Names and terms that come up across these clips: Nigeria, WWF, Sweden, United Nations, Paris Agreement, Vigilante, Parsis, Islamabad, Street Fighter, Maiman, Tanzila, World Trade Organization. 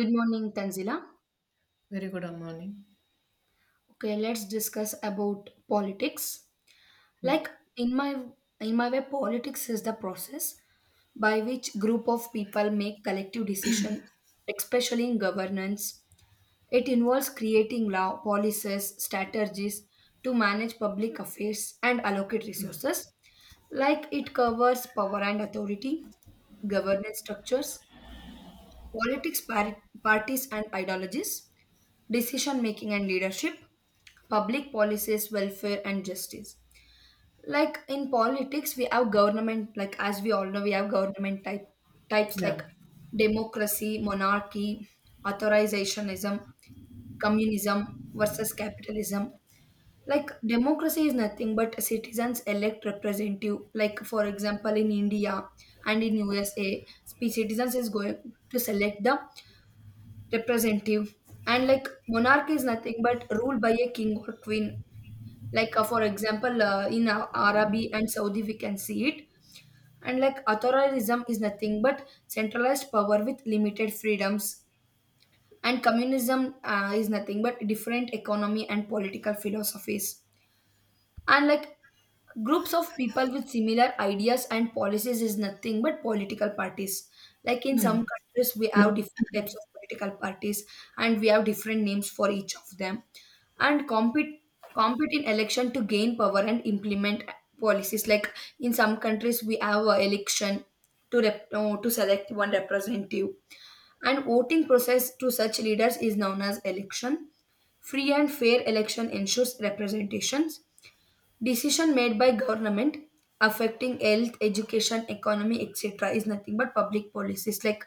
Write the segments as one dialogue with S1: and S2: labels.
S1: Good morning, Tanzila.
S2: Very good morning.
S1: Okay, let's discuss about politics.
S2: Okay.
S1: Like in my in my way, politics is the process by which group of people make collective decisions, especially in governance. It involves creating law, policies, strategies to manage public affairs and allocate resources. Like it covers power and authority, governance structures, politics, parties, and ideologies. Decision making and leadership, public policies, welfare, and justice. Like in politics, we have government, like as we all know, we have government type types
S2: Yeah.
S1: like democracy, monarchy, authorizationism, communism versus capitalism. Like democracy is nothing but citizens elect representative. Like for example, in India and in USA, citizens is going to select the representative, and like monarch is nothing but ruled by a king or queen, like for example in arabi and saudi we can see it. And like authoritarianism is nothing but centralized power with limited freedoms, and communism is nothing but different economy and political philosophies. And like groups of people with similar ideas and policies is nothing but political parties. Like in
S2: Hmm.
S1: some countries we have different types of political parties, and we have different names for each of them, and compete in election to gain power and implement policies. Like in some countries we have a election to to select one representative, and voting process to such leaders is known as election. Free and fair election ensures representations. Decision made by government affecting health, education, economy, etc. is nothing but public policies. Like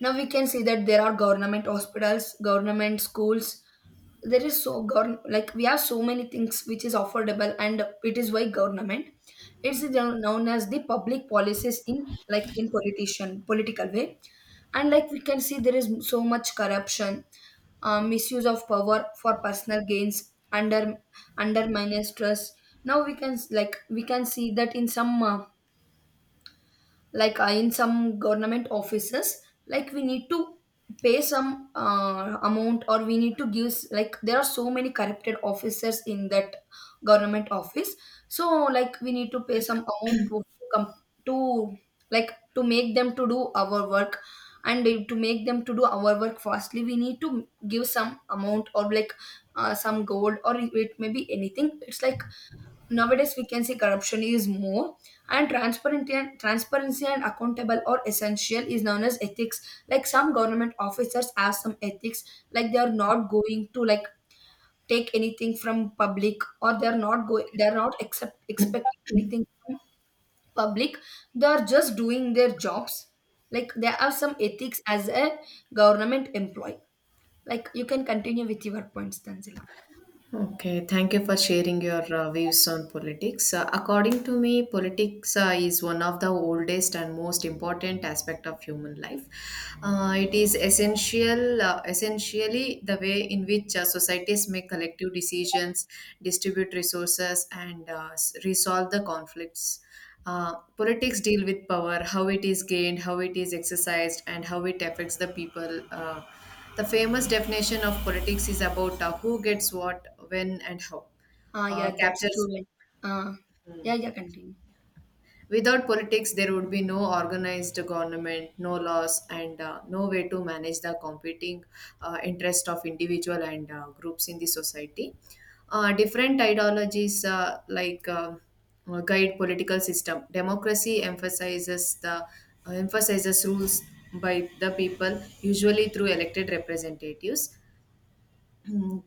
S1: now we can see that there are government hospitals, government schools. There is so govern like we have so many things which is affordable, and it is why government. It's known as the public policies in, like in politician political way. And like we can see there is so much corruption, misuse of power for personal gains under undermines trust. Now we can see that in some like in some government offices, like we need to pay some amount, or we need to give like there are so many corrupted officers in that government office. So like we need to pay some amount to come to, like to make them to do our work. And to make them to do our work fastly, we need to give some amount, or like some gold, or it may be anything. It's like nowadays we can see corruption is more. And transparency and accountable or essential is known as ethics. Like some government officers have some ethics, like they are not going to, like, take anything from public, or they're not accept expecting anything from public. They're just doing their jobs. Like there are some ethics as a government employee. Like you can continue with your points, tanzila.
S2: Okay, thank you for sharing your views on politics. According to me, politics is one of the oldest and most important aspect of human life. It is essentially the way in which societies make collective decisions, distribute resources, and resolve the conflicts. Politics deal with power, how it is gained, how it is exercised, and how it affects the people. The famous definition of politics is about who gets what, when, and how.
S1: Ah, yeah, that's true,
S2: Captures.
S1: like uh
S2: Hmm.
S1: yeah, yeah, continue.
S2: Without politics, there would be no organized government, no laws, and no way to manage the competing interest of individual and groups in the society. Different ideologies guide political system. Democracy emphasizes the emphasizes rules by the people, usually through elected representatives. Hmm.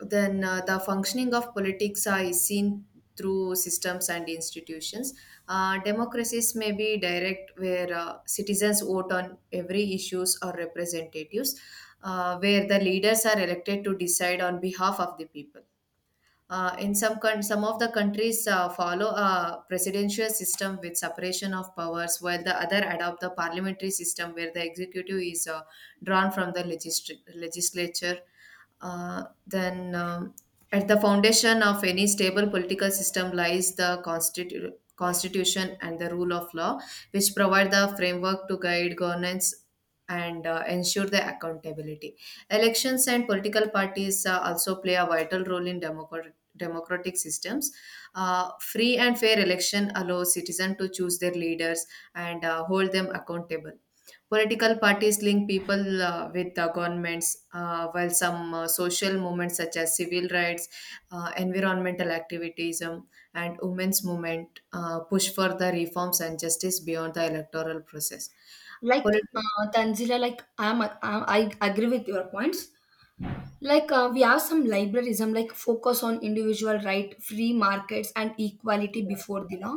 S2: Then the functioning of politics are is seen through systems and institutions. Democracies may be direct, where citizens vote on every issues or representatives, where the leaders are elected to decide on behalf of the people. In some of the countries follow a presidential system with separation of powers, while the other adopt the parliamentary system where the executive is drawn from the legislature. Uh, then, um, at the foundation of any stable political system lies the constitution and the rule of law, which provide the framework to guide governance and ensure the accountability. Elections and political parties also play a vital role in democratic systems. Free and fair election allows citizens to choose their leaders and hold them accountable. Political parties link people with the governments, while some social movements such as civil rights, environmental activism, and women's movement push for the reforms and justice beyond the electoral process.
S1: Like
S2: Political,
S1: Tanzila, like I agree with your points. Like we have some liberalism, like focus on individual right, free markets, and equality before the law,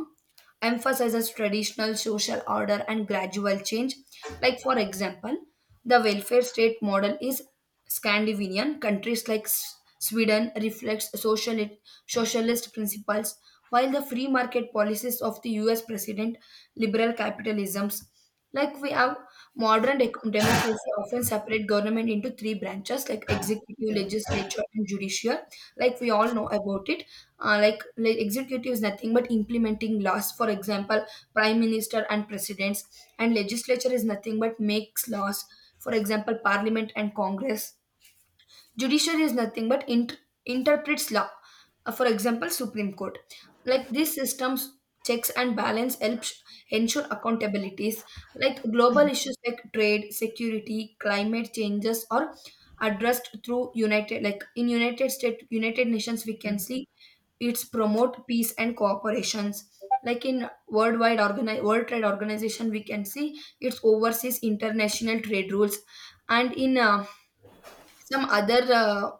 S1: emphasizes traditional social order and gradual change. Like for example, the welfare state model is Scandinavian. Countries like Sweden reflects socialist principles, while the free market policies of the U.S. president, liberal capitalisms. Like we have modern dec democracy often separate government into three branches like executive,
S2: yeah,
S1: legislature, and judicial. Like we all know about it. Like executive is nothing but implementing laws. For example, prime minister and presidents. And legislature is nothing but makes laws. For example, parliament and congress. Judiciary is nothing but interprets law. For example, Supreme Court. Like these systems, checks and balance helps ensure accountabilities. Like global issues like trade, security, climate changes are addressed through like in United States, United Nations, we
S2: yeah,
S1: can see it's promote peace and cooperations. Like in world trade organization we can see it's oversees international trade rules. And in some other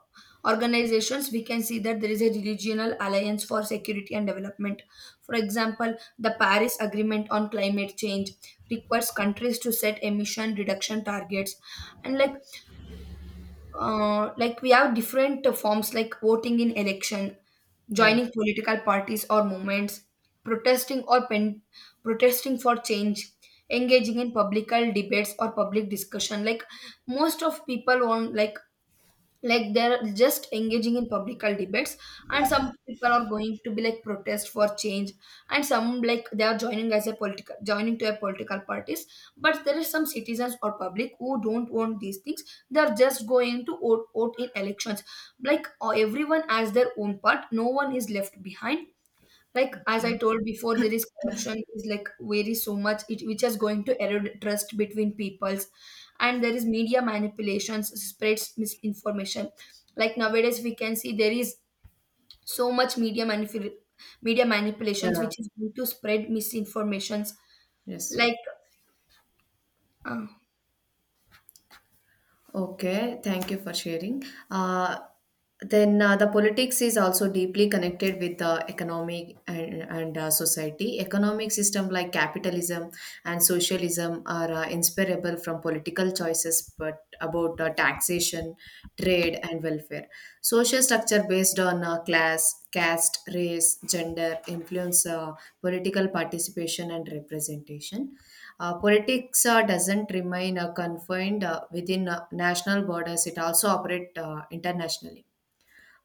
S1: organizations we can see that there is a regional alliance for security and development. For example, the paris agreement on climate change requires countries to set emission reduction targets. And like we have different forms like voting in election,
S2: yeah,
S1: joining political parties or movements, protesting or pen, protesting for change, engaging in public debates or public discussion. Like most of people want, like they're just engaging in political debates, and some people are going to be like protest for change, and some, like, they are joining as a political joining to a political parties. But there is some citizens or public who don't want these things. They are just going to vote in elections. Like everyone has their own part, no one is left behind. Like as
S2: yeah,
S1: I told before, there is corruption is like varies so much, it which is going to erode trust between peoples. And there is media manipulations spreads misinformation. Like nowadays we can see there is so much media manipulations
S2: yeah,
S1: which is going to spread misinformations.
S2: yes.
S1: like uh,
S2: Okay, thank you for sharing. Uh, then the politics is also deeply connected with the economic and society. Economic system like capitalism and socialism are inseparable from political choices, but about taxation, trade, and welfare. Social structure based on class, caste, race, gender influence political participation and representation. Politics doesn't remain confined within national borders, it also operates internationally.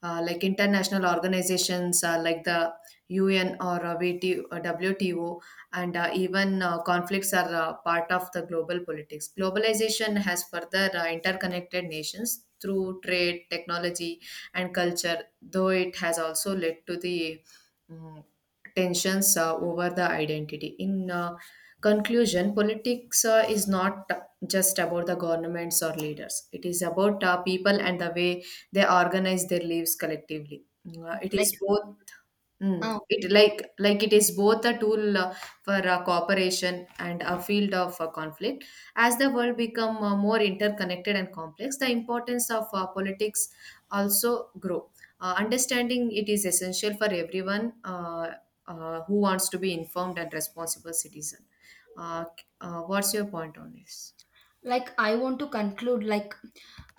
S2: Like international organizations like the UN or WTO, and even conflicts are part of the global politics. Globalization has further interconnected nations through trade, technology, and culture, though it has also led to mm, tensions over the identity. In conclusion, politics is not just about the governments or leaders. It is about people and the way they organize their lives collectively. It is
S1: like
S2: both.
S1: uh,
S2: Mm, it
S1: okay
S2: like like it is both a tool for cooperation and a field of conflict. As the world become more interconnected and complex, the importance of politics also grow. Understanding it is essential for everyone who wants to be informed and responsible citizen. Uh, what's your point on this?
S1: like I want to conclude, like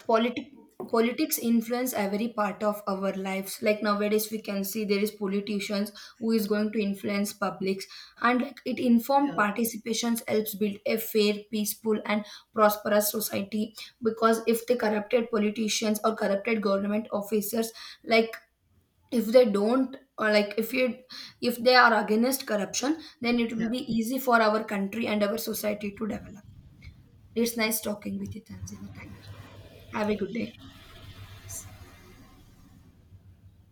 S1: politi- politics influence every part of our lives. Like nowadays we can see there is politicians who is going to influence publics. And like it informed
S2: Yeah,
S1: participations helps build a fair, peaceful, and prosperous society. Because if the corrupted politicians or corrupted government officers, like if they don't, or like if you, if they are against corruption, then it
S2: yeah.
S1: will be easy for our country and our society to develop. It's nice talking with you, Tanzila. Thank you. Have a good day.